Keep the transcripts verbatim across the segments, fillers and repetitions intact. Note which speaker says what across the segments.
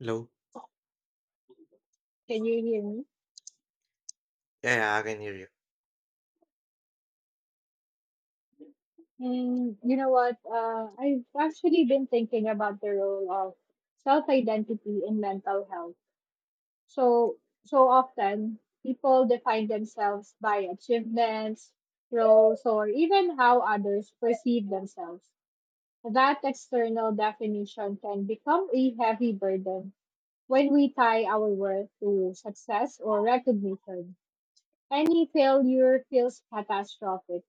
Speaker 1: Hello?
Speaker 2: Can you hear me?
Speaker 1: Yeah, yeah, I can hear you.
Speaker 2: And you know what? Uh, I've actually been thinking about the role of self-identity in mental health. So, so often people define themselves by achievements, roles, or even how others perceive themselves. That external definition can become a heavy burden when we tie our worth to success or recognition. Any failure feels catastrophic.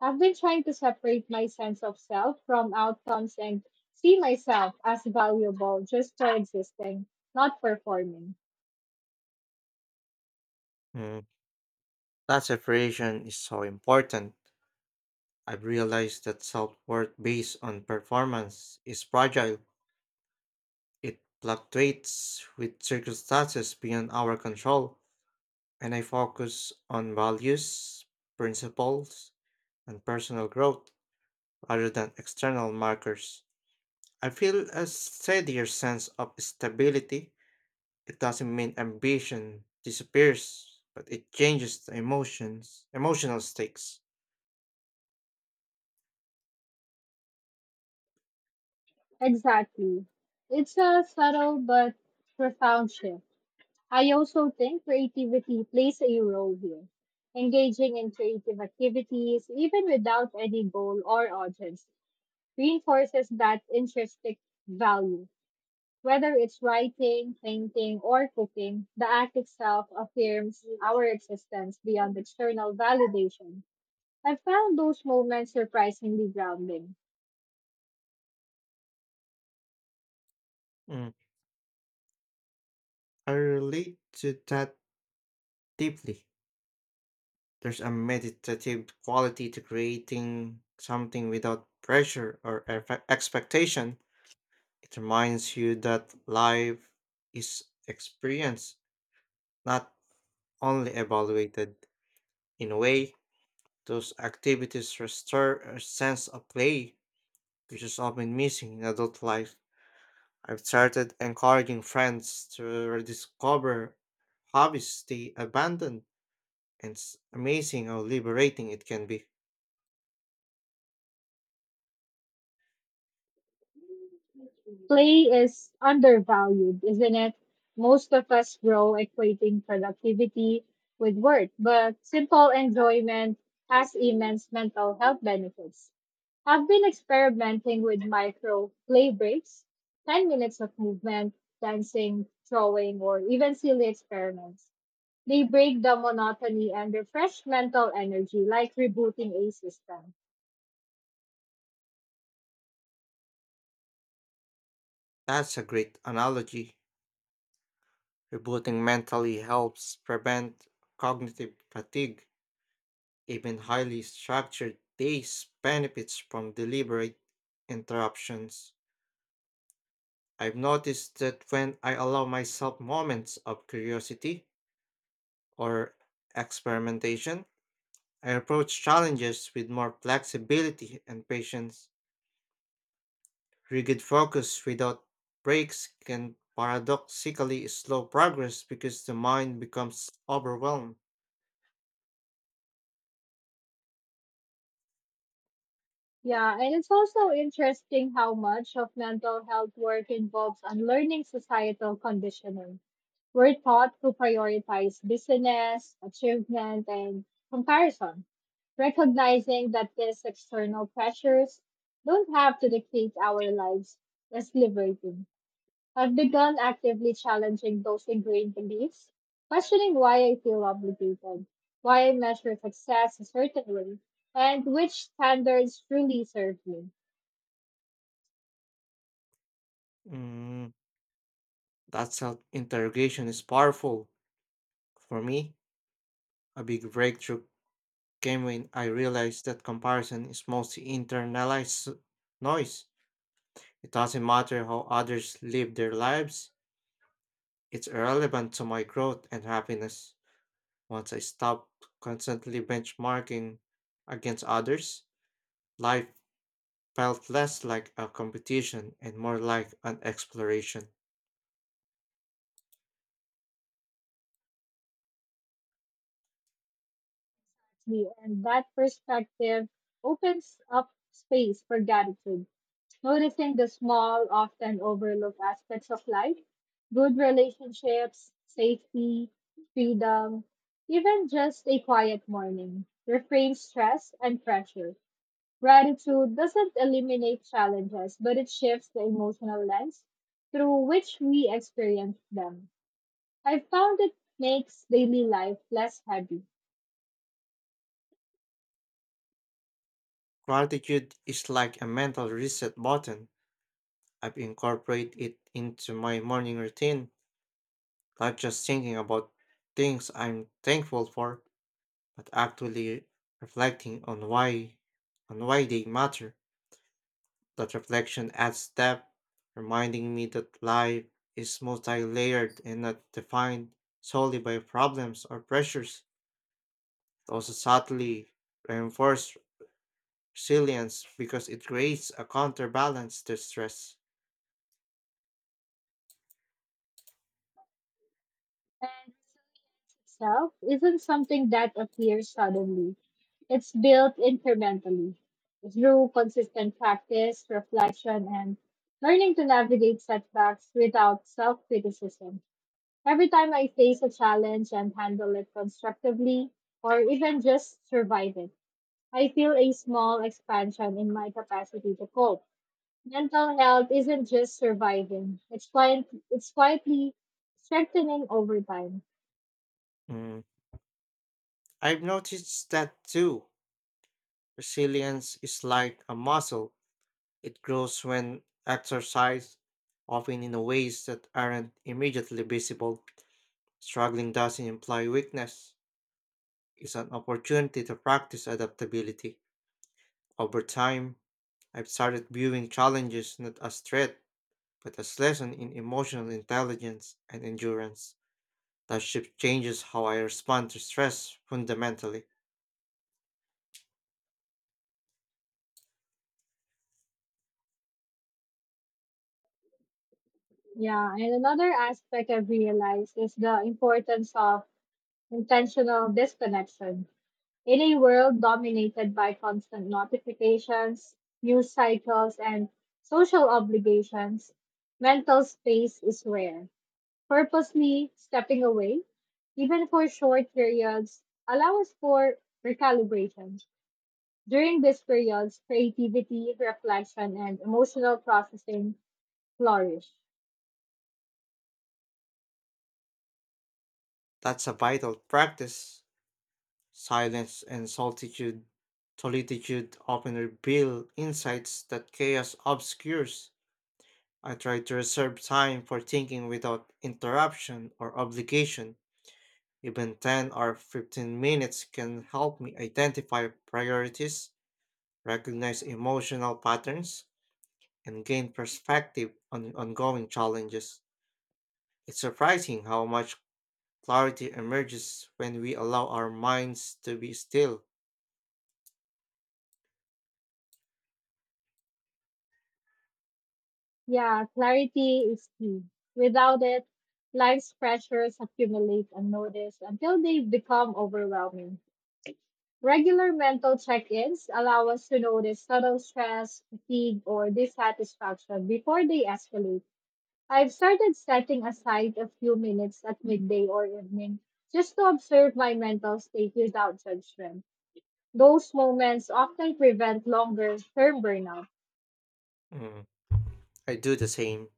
Speaker 2: I've been trying to separate my sense of self from outcomes and see myself as valuable just for existing, not performing.
Speaker 1: Mm, that separation is so important. I've realized that self worth based on performance is fragile. It fluctuates with circumstances beyond our control, and I focus on values, principles, and personal growth rather than external markers. I feel a steadier sense of stability. It doesn't mean ambition disappears, but it changes the emotions, emotional stakes.
Speaker 2: Exactly. It's a subtle but profound shift. I also think creativity plays a role here. Engaging in creative activities, even without any goal or audience, reinforces that intrinsic value. Whether it's writing, painting, or cooking, the act itself affirms our existence beyond external validation. I found those moments surprisingly grounding.
Speaker 1: Mm, I relate to that deeply. There's a meditative quality to creating something without pressure or eff- expectation. It reminds you that life is experienced, not only evaluated. In a way, those activities restore a sense of play, which is often missing in adult life. I've started encouraging friends to rediscover hobbies they abandoned. And it's amazing how liberating it can be.
Speaker 2: Play is undervalued, isn't it? Most of us grow equating productivity with work, but simple enjoyment has immense mental health benefits. I've been experimenting with micro play breaks, ten minutes of movement, dancing, throwing, or even silly experiments. They break the monotony and refresh mental energy like rebooting a system.
Speaker 1: That's a great analogy. Rebooting mentally helps prevent cognitive fatigue. Even highly structured days benefits from deliberate interruptions. I've noticed that when I allow myself moments of curiosity or experimentation, I approach challenges with more flexibility and patience. Rigid focus without breaks can paradoxically slow progress because the mind becomes overwhelmed.
Speaker 2: Yeah, and it's also interesting how much of mental health work involves unlearning societal conditioning. We're taught to prioritize business, achievement, and comparison, recognizing that these external pressures don't have to dictate our lives is liberating. I've begun actively challenging those ingrained beliefs, questioning why I feel obligated, why I measure success a certain way, and which standards truly serve me.
Speaker 1: Mm, that's how interrogation is powerful. For me, a big breakthrough came when I realized that comparison is mostly internalized noise. It doesn't matter how others live their lives, it's irrelevant to my growth and happiness. Once I stopped constantly benchmarking against others, life felt less like a competition and more like an exploration.
Speaker 2: me. And that perspective opens up space for gratitude. Noticing the small, often overlooked aspects of life, good relationships, safety, freedom, even just a quiet morning, refrains stress and pressure. Gratitude doesn't eliminate challenges, but it shifts the emotional lens through which we experience them. I found it makes daily life less heavy,
Speaker 1: Gratitude is like a mental reset button. I've incorporated it into my morning routine, not just thinking about things I'm thankful for, but actually reflecting on why on why they matter. That reflection adds depth, reminding me that life is multi-layered and not defined solely by problems or pressures. It also subtly reinforced resilience because it creates a counterbalance to stress.
Speaker 2: and resilience itself isn't something that appears suddenly. It's built incrementally through consistent practice, reflection, and learning to navigate setbacks without self criticism. Every time I face a challenge and handle it constructively, or even just survive it, I feel a small expansion in my capacity to cope. Mental health isn't just surviving, it's, quiet, it's quietly strengthening over time.
Speaker 1: Mm, I've noticed that too. Resilience is like a muscle, it grows when exercised, often in ways that aren't immediately visible. Struggling doesn't imply weakness, it's an opportunity to practice adaptability. Over time, I've started viewing challenges not as threat, but as lesson in emotional intelligence and endurance. That shift changes how I respond to stress fundamentally.
Speaker 2: Yeah, and another aspect I've realized is the importance of intentional disconnection. In a world dominated by constant notifications, news cycles, and social obligations, mental space is rare. Purposely stepping away, even for short periods, allows for recalibration. During these periods, creativity, reflection, and emotional processing flourish.
Speaker 1: That's a vital practice. Silence and solitude, Solitude often reveal insights that chaos obscures. I try to reserve time for thinking without interruption or obligation. Even ten or fifteen minutes can help me identify priorities, recognize emotional patterns, and gain perspective on ongoing challenges. It's surprising how much clarity emerges when we allow our minds to be still.
Speaker 2: Yeah, clarity is key. Without it, life's pressures accumulate unnoticed until they become overwhelming. Regular mental check ins allow us to notice subtle stress, fatigue, or dissatisfaction before they escalate. I've started setting aside a few minutes at midday or evening just to observe my mental state without judgment. Those moments often prevent longer term burnout.
Speaker 1: Mm, I do the same.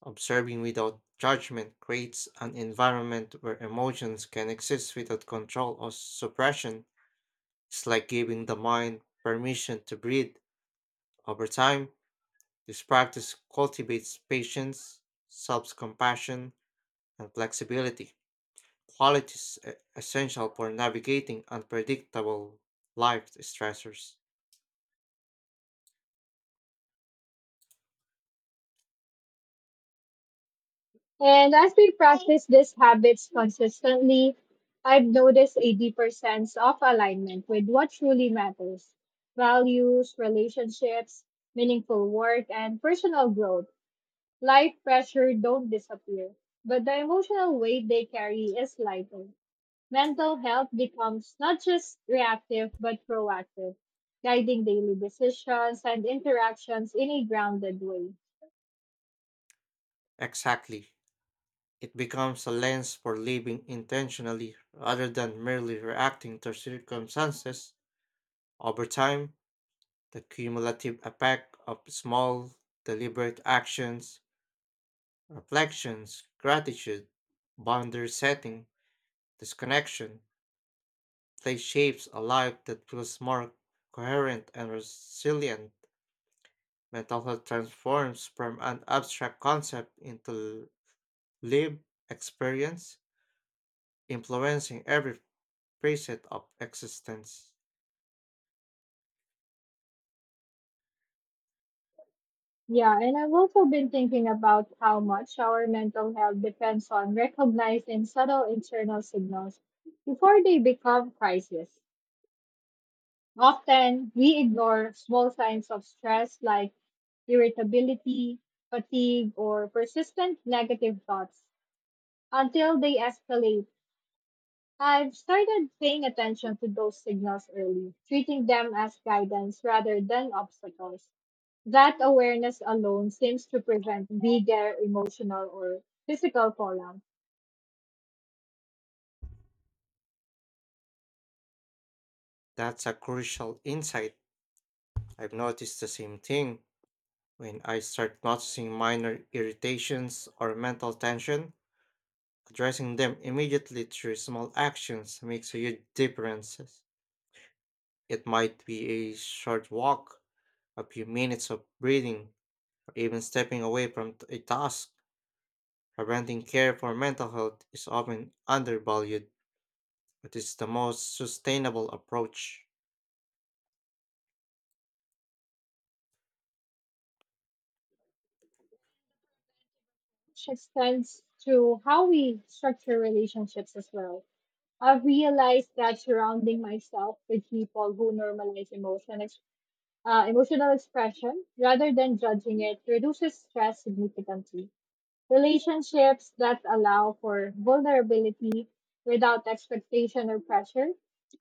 Speaker 1: Observing without judgment creates an environment where emotions can exist without control or suppression. It's like giving the mind permission to breathe. Over time, this practice cultivates patience, self compassion, and flexibility, qualities e- essential for navigating unpredictable life stressors.
Speaker 2: And as we practice these habits consistently, I've noticed a deeper sense of alignment with what truly matters: values, relationships, meaningful work, and personal growth. Life pressure don't disappear, but the emotional weight they carry is lighter. Mental health becomes not just reactive, but proactive, guiding daily decisions and interactions in a grounded way.
Speaker 1: Exactly. It becomes a lens for living intentionally rather than merely reacting to circumstances. Over time, the cumulative effect of small, deliberate actions, reflections, gratitude, boundary setting, disconnection, play shapes a life that feels more coherent and resilient. Mental health transforms from an abstract concept into lived experience, influencing every facet of existence.
Speaker 2: Yeah, and I've also been thinking about how much our mental health depends on recognizing subtle internal signals before they become crises. Often, we ignore small signs of stress like irritability, fatigue, or persistent negative thoughts until they escalate. I've started paying attention to those signals early, treating them as guidance rather than obstacles. That awareness alone seems to prevent bigger emotional or physical fallout,
Speaker 1: That's a crucial insight. I've noticed the same thing. When I start noticing minor irritations or mental tension, addressing them immediately through small actions makes a huge difference. It might be a short walk, a few minutes of breathing, or even stepping away from t- a task. Preventing care for mental health is often undervalued, but it's the most sustainable approach.
Speaker 2: which extends to how we structure relationships as well. I've realized that surrounding myself with people who normalize emotion, ex- uh, emotional expression rather than judging it reduces stress significantly. Relationships that allow for vulnerability without expectation or pressure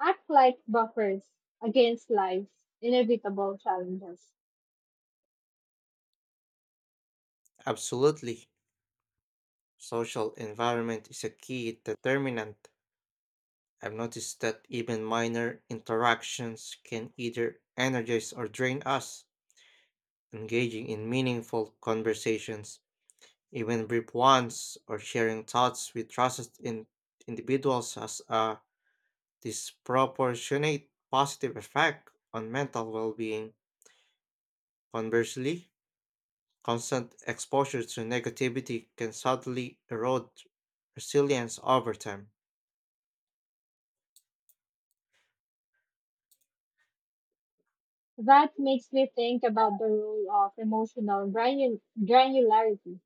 Speaker 2: act like buffers against life's inevitable challenges.
Speaker 1: Absolutely. Social environment is a key determinant. I've noticed that even minor interactions can either energize or drain us. Engaging in meaningful conversations, even brief ones, or sharing thoughts with trusted in individuals has a disproportionate positive effect on mental well being. Conversely, constant exposure to negativity can subtly erode resilience over time.
Speaker 2: That makes me think about the role of emotional granu- granularity,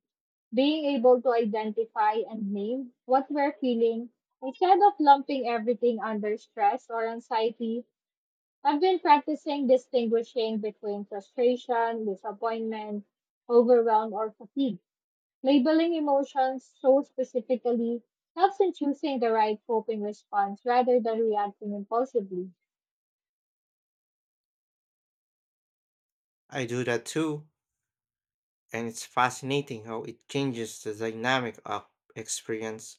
Speaker 2: being able to identify and name what we're feeling instead of lumping everything under stress or anxiety. I've been practicing distinguishing between frustration, disappointment, overwhelm, or fatigue. Labeling emotions so specifically helps in choosing the right coping response rather than reacting impulsively.
Speaker 1: I do that too. And it's fascinating how it changes the dynamic of experience.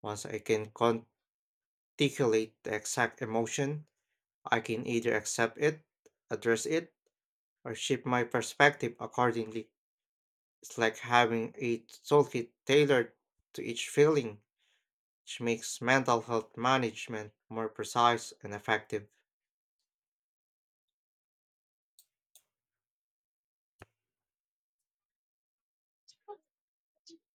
Speaker 1: Once I can articulate the exact emotion, I can either accept it, address it, or shift my perspective accordingly. It's like having a toolkit tailored to each feeling, which makes mental health management more precise and effective.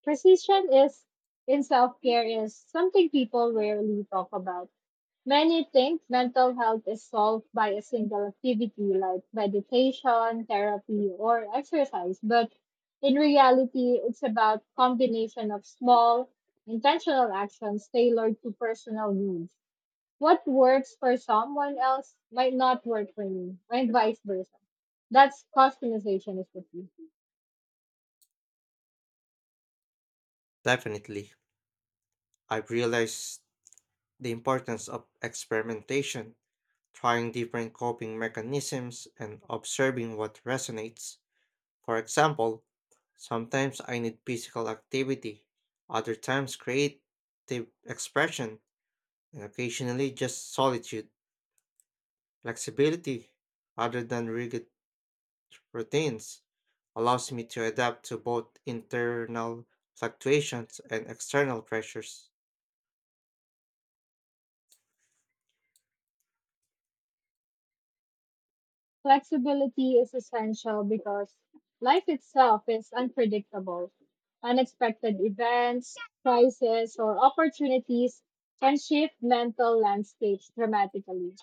Speaker 2: Precision is in self care is something people rarely talk about. Many think mental health is solved by a single activity like meditation, therapy, or exercise, but in reality, it's about combination of small, intentional actions tailored to personal needs. What works for someone else might not work for me, and vice versa. That's customization is the key.
Speaker 1: Definitely, I've realized the importance of experimentation trying different coping mechanisms and observing what resonates. For example, sometimes I need physical activity, other times creative expression, and occasionally just solitude. Flexibility, rather than rigid routines, allows me to adapt to both internal fluctuations and external pressures.
Speaker 2: Flexibility is essential because life itself is unpredictable. Unexpected events, crises, or opportunities can shift mental landscapes dramatically.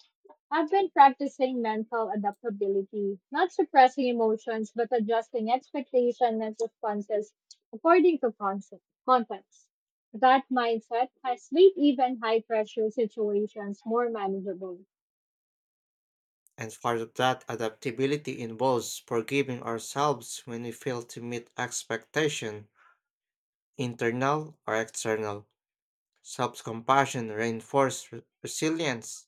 Speaker 2: I've been practicing mental adaptability, not suppressing emotions, but adjusting expectations and responses according to concept, context. That mindset has made even high pressure situations more manageable.
Speaker 1: And part of that adaptability involves forgiving ourselves when we fail to meet expectation internal or external. Self compassion reinforces re- resilience.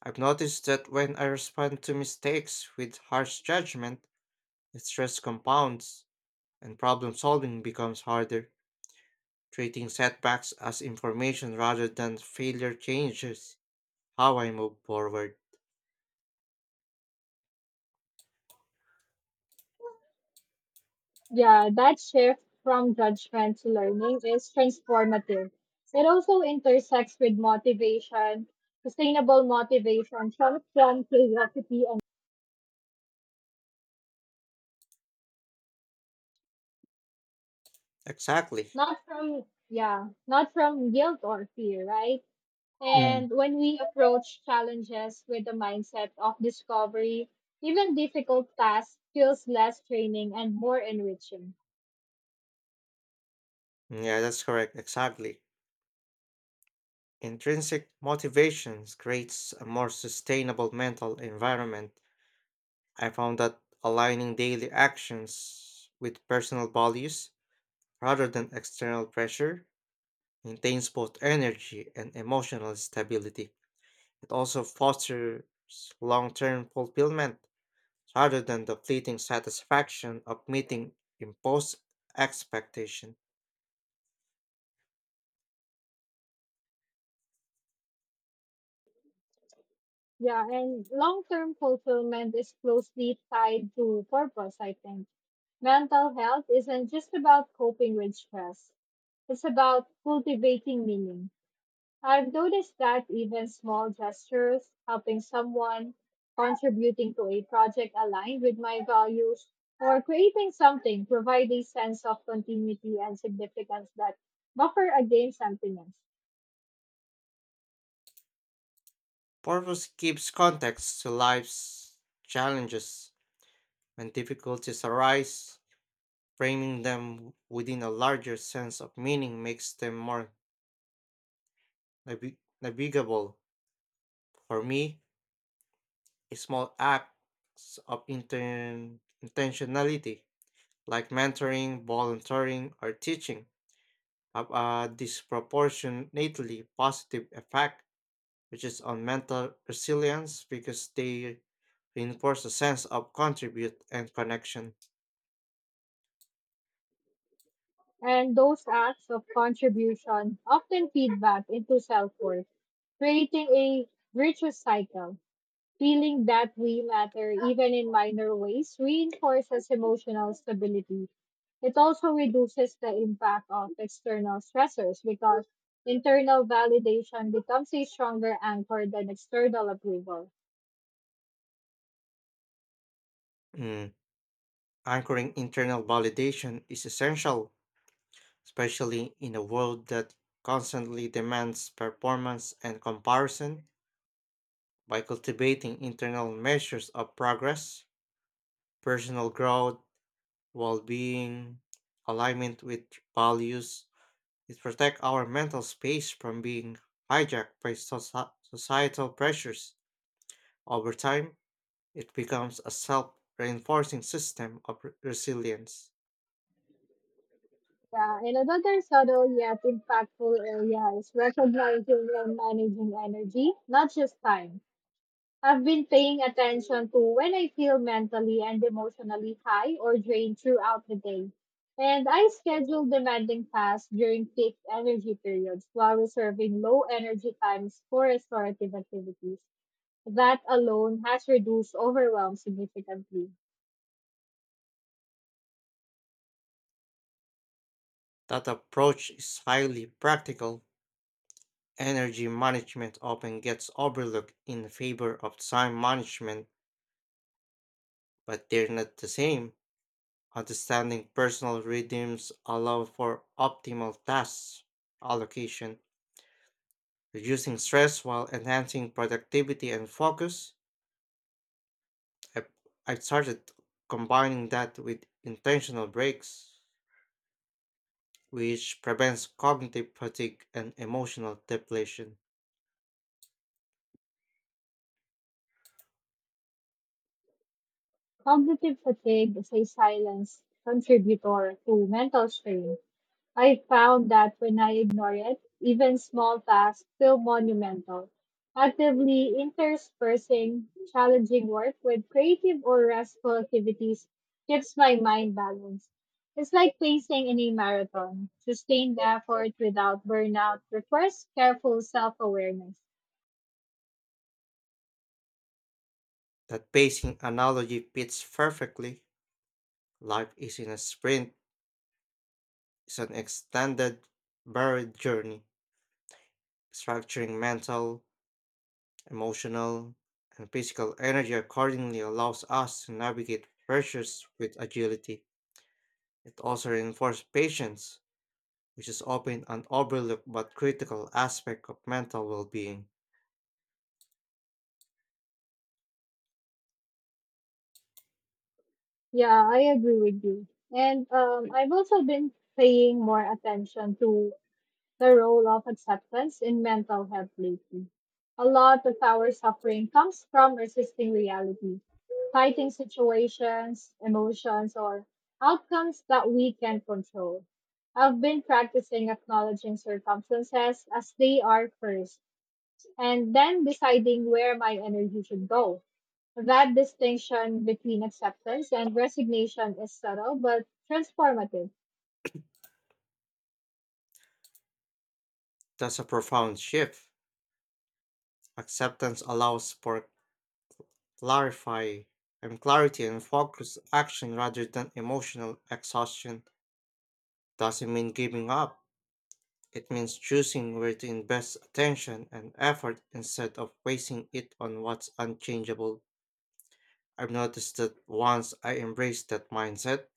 Speaker 1: I've noticed that when I respond to mistakes with harsh judgment, the stress compounds and problem solving becomes harder. Treating setbacks as information rather than failure changes how I move forward.
Speaker 2: Yeah, that shift from judgment to learning is transformative. It also intersects with motivation, sustainable motivation, comes from curiosity and
Speaker 1: Exactly.
Speaker 2: not from, yeah, not from guilt or fear, right?
Speaker 1: Mm.
Speaker 2: And when we approach challenges with the mindset of discovery, even difficult tasks feels less draining and more enriching.
Speaker 1: Yeah, that's correct. Exactly. Intrinsic motivations creates a more sustainable mental environment. I found that aligning daily actions with personal values rather than external pressure maintains both energy and emotional stability. It also fosters long term fulfillment rather than the fleeting satisfaction of meeting imposed expectation.
Speaker 2: Yeah, and long-term fulfillment is closely tied to purpose, I think. Mental health isn't just about coping with stress. It's about cultivating meaning. I've noticed that even small gestures, helping someone, contributing to a project aligned with my values, or creating something provide a sense of continuity and significance that buffer against sentiments.
Speaker 1: Purpose gives context to life's challenges. When difficulties arise, framing them within a larger sense of meaning makes them more Navi- navigable. For me, a small acts of inten- intentionality, like mentoring, volunteering, or teaching, have a disproportionately positive effect, which is on mental resilience because they reinforce a sense of contribute and connection.
Speaker 2: And those acts of contribution often feed back into self worth, creating a virtuous cycle. Feeling that we matter, even in minor ways, reinforces emotional stability. It also reduces the impact of external stressors because internal validation becomes a stronger anchor than external approval.
Speaker 1: Mm, anchoring internal validation is essential, especially in a world that constantly demands performance and comparison. By cultivating internal measures of progress, personal growth, well being, alignment with values, it protects our mental space from being hijacked by soci- societal pressures. Over time, it becomes a self reinforcing system of re- resilience.
Speaker 2: Yeah, and another subtle yet impactful area is recognizing and managing energy, not just time. I've been paying attention to when I feel mentally and emotionally high or drained throughout the day. And I schedule demanding tasks during peak energy periods while reserving low energy times for restorative activities. That alone has reduced overwhelm significantly.
Speaker 1: That approach is highly practical. Energy management often gets overlooked in favor of time management, but they're not the same. Understanding personal rhythms allow for optimal task allocation, reducing stress while enhancing productivity and focus. I've, I've started combining that with intentional breaks, which prevents cognitive fatigue and emotional depletion.
Speaker 2: Cognitive fatigue is a silent contributor to mental strain. I found that when I ignore it, even small tasks feel monumental. Actively interspersing challenging work with creative or restful activities keeps my mind balanced. It's like pacing in a marathon. Sustained effort without burnout requires careful self awareness.
Speaker 1: That pacing analogy fits perfectly. Life isn't a sprint, it's an extended, varied journey. Structuring mental, emotional, and physical energy accordingly allows us to navigate pressures with agility. It also reinforces patience, which is often an overlooked but critical aspect of mental well being.
Speaker 2: Yeah, I agree with you. And um, I've also been paying more attention to the role of acceptance in mental health lately. A lot of our suffering comes from resisting reality, fighting situations, emotions, or outcomes that we can control. I've been practicing acknowledging circumstances as they are first, and then deciding where my energy should go. That distinction between acceptance and resignation is subtle but transformative.
Speaker 1: That's a profound shift. Acceptance allows for clarify and clarity and focused action rather than emotional exhaustion. Doesn't mean giving up. It means choosing where to invest attention and effort instead of wasting it on what's unchangeable. I've noticed that once I embrace that mindset,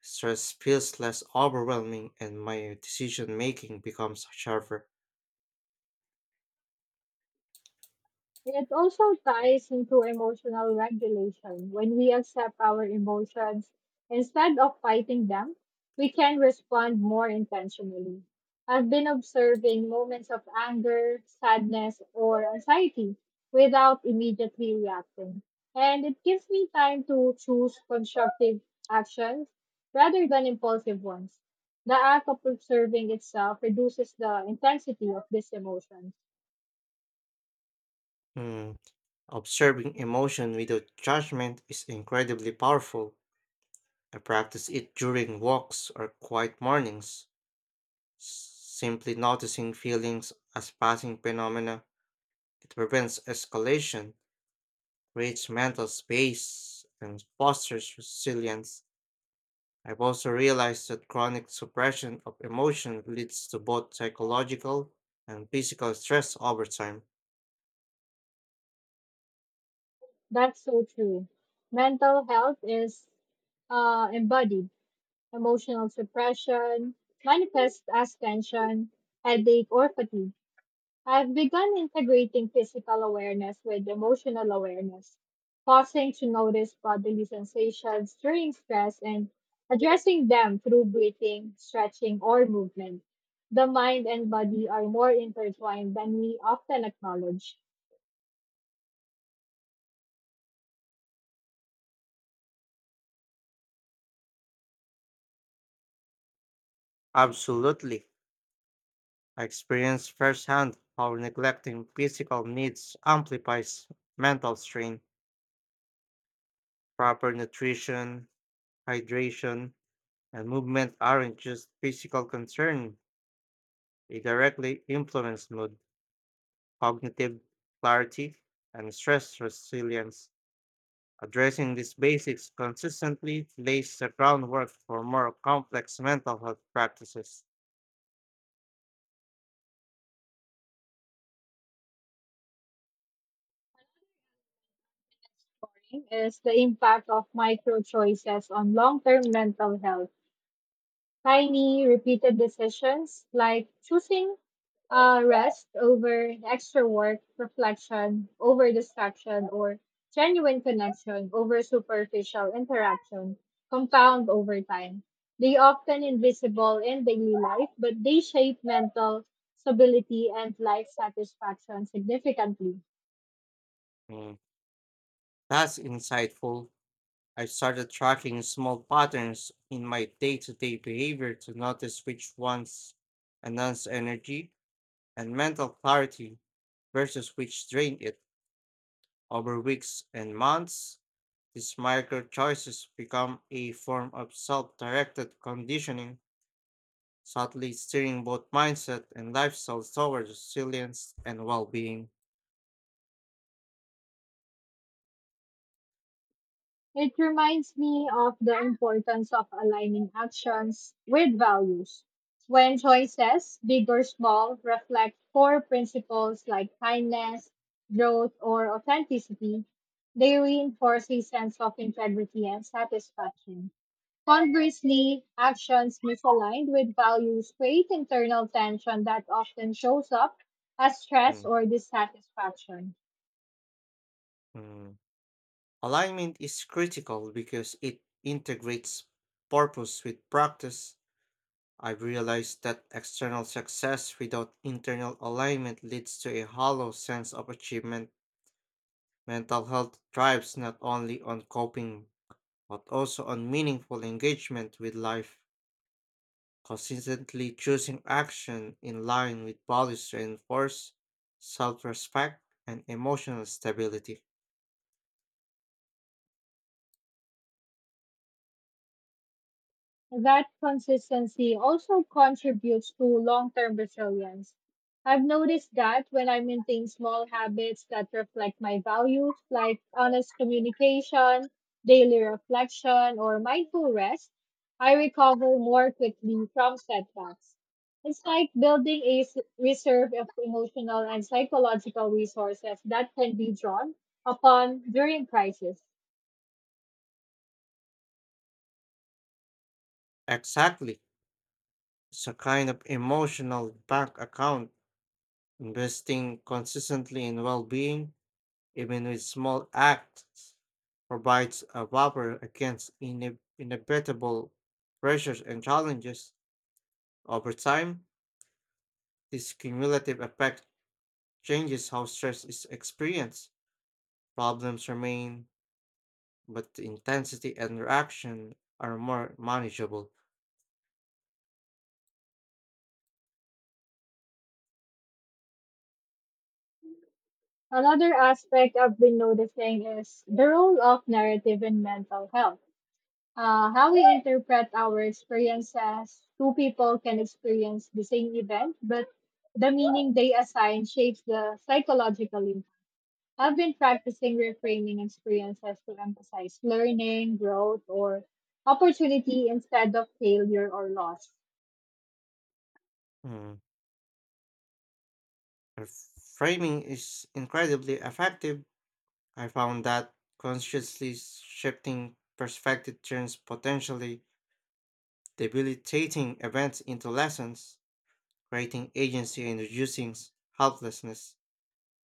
Speaker 1: stress feels less overwhelming and my decision making becomes sharper.
Speaker 2: It also ties into emotional regulation. When we accept our emotions instead of fighting them, we can respond more intentionally. I've been observing moments of anger, sadness, or anxiety without immediately reacting. And it gives me time to choose constructive actions rather than impulsive ones. The act of observing itself reduces the intensity of these emotions.
Speaker 1: Hmm, observing emotion without judgment is incredibly powerful. I practice it during walks or quiet mornings. s- Simply noticing feelings as passing phenomena, it prevents escalation, creates mental space, and fosters resilience. I've also realized that chronic suppression of emotion leads to both psychological and physical stress over time.
Speaker 2: That's so true. Mental health is uh, embodied. Emotional suppression manifests as tension, headache, or fatigue. I've begun integrating physical awareness with emotional awareness, pausing to notice bodily sensations during stress and addressing them through breathing, stretching, or movement. The mind and body are more intertwined than we often acknowledge.
Speaker 1: Absolutely. I experienced firsthand how neglecting physical needs amplifies mental strain. Proper nutrition, hydration, and movement aren't just physical concern, they directly influence mood, cognitive clarity, and stress resilience. Addressing these basics consistently lays the groundwork for more complex mental health practices.
Speaker 2: Morning is the impact of micro choices on long term mental health. Tiny, repeated decisions like choosing uh, rest over extra work, reflection over distraction, or genuine connection over superficial interaction compound over time. They often invisible in daily life, but they shape mental stability and life satisfaction significantly.
Speaker 1: Mm, that's insightful. I started tracking small patterns in my day to day behavior to notice which ones enhance energy and mental clarity versus which drain it. Over weeks and months, these micro choices become a form of self directed conditioning, subtly steering both mindset and lifestyle towards resilience and well being.
Speaker 2: It reminds me of the importance of aligning actions with values. When choices, big or small, reflect core principles like kindness, growth, or authenticity, they reinforce a sense of integrity and satisfaction. Conversely, actions misaligned with values create internal tension that often shows up as stress
Speaker 1: Mm,
Speaker 2: or dissatisfaction.
Speaker 1: mm, alignment is critical because it integrates purpose with practice. I've realized that external success without internal alignment leads to a hollow sense of achievement. Mental health thrives not only on coping, but also on meaningful engagement with life, consistently choosing action in line with values to enforce self respect and emotional stability.
Speaker 2: That consistency also contributes to long term resilience. I've noticed that when I maintain small habits that reflect my values, like honest communication, daily reflection, or mindful rest, I recover more quickly from setbacks. It's like building a s- reserve of emotional and psychological resources that can be drawn upon during crisis.
Speaker 1: Exactly. It's a kind of emotional bank account, investing consistently in well being, even with small acts, provides a buffer against ine- inevitable pressures and challenges. Over time, this cumulative effect changes how stress is experienced. Problems remain, but the intensity and reaction are more manageable.
Speaker 2: Another aspect I've been noticing is the role of narrative in mental health. Uh, how we interpret our experiences. Two people can experience the same event, but the meaning they assign shapes the psychological impact. I've been practicing reframing experiences to emphasize learning, growth, or opportunity instead of failure or loss.
Speaker 1: Mm. Her framing is incredibly effective. I found that consciously shifting perspective turns potentially debilitating events into lessons, creating agency and reducing s- helplessness.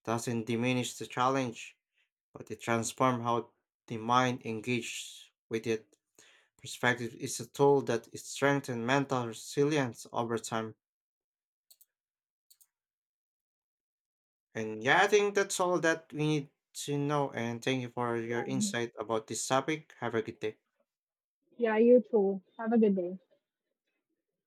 Speaker 1: Doesn't diminish the challenge, but it transforms how the mind engages with it. Perspective is a tool that strengthens mental resilience over time. And yeah, I think that's all that we need to know. And thank you for your
Speaker 2: Um,
Speaker 1: insight about this topic. Have a good day.
Speaker 2: yeah, you too. Have a good day.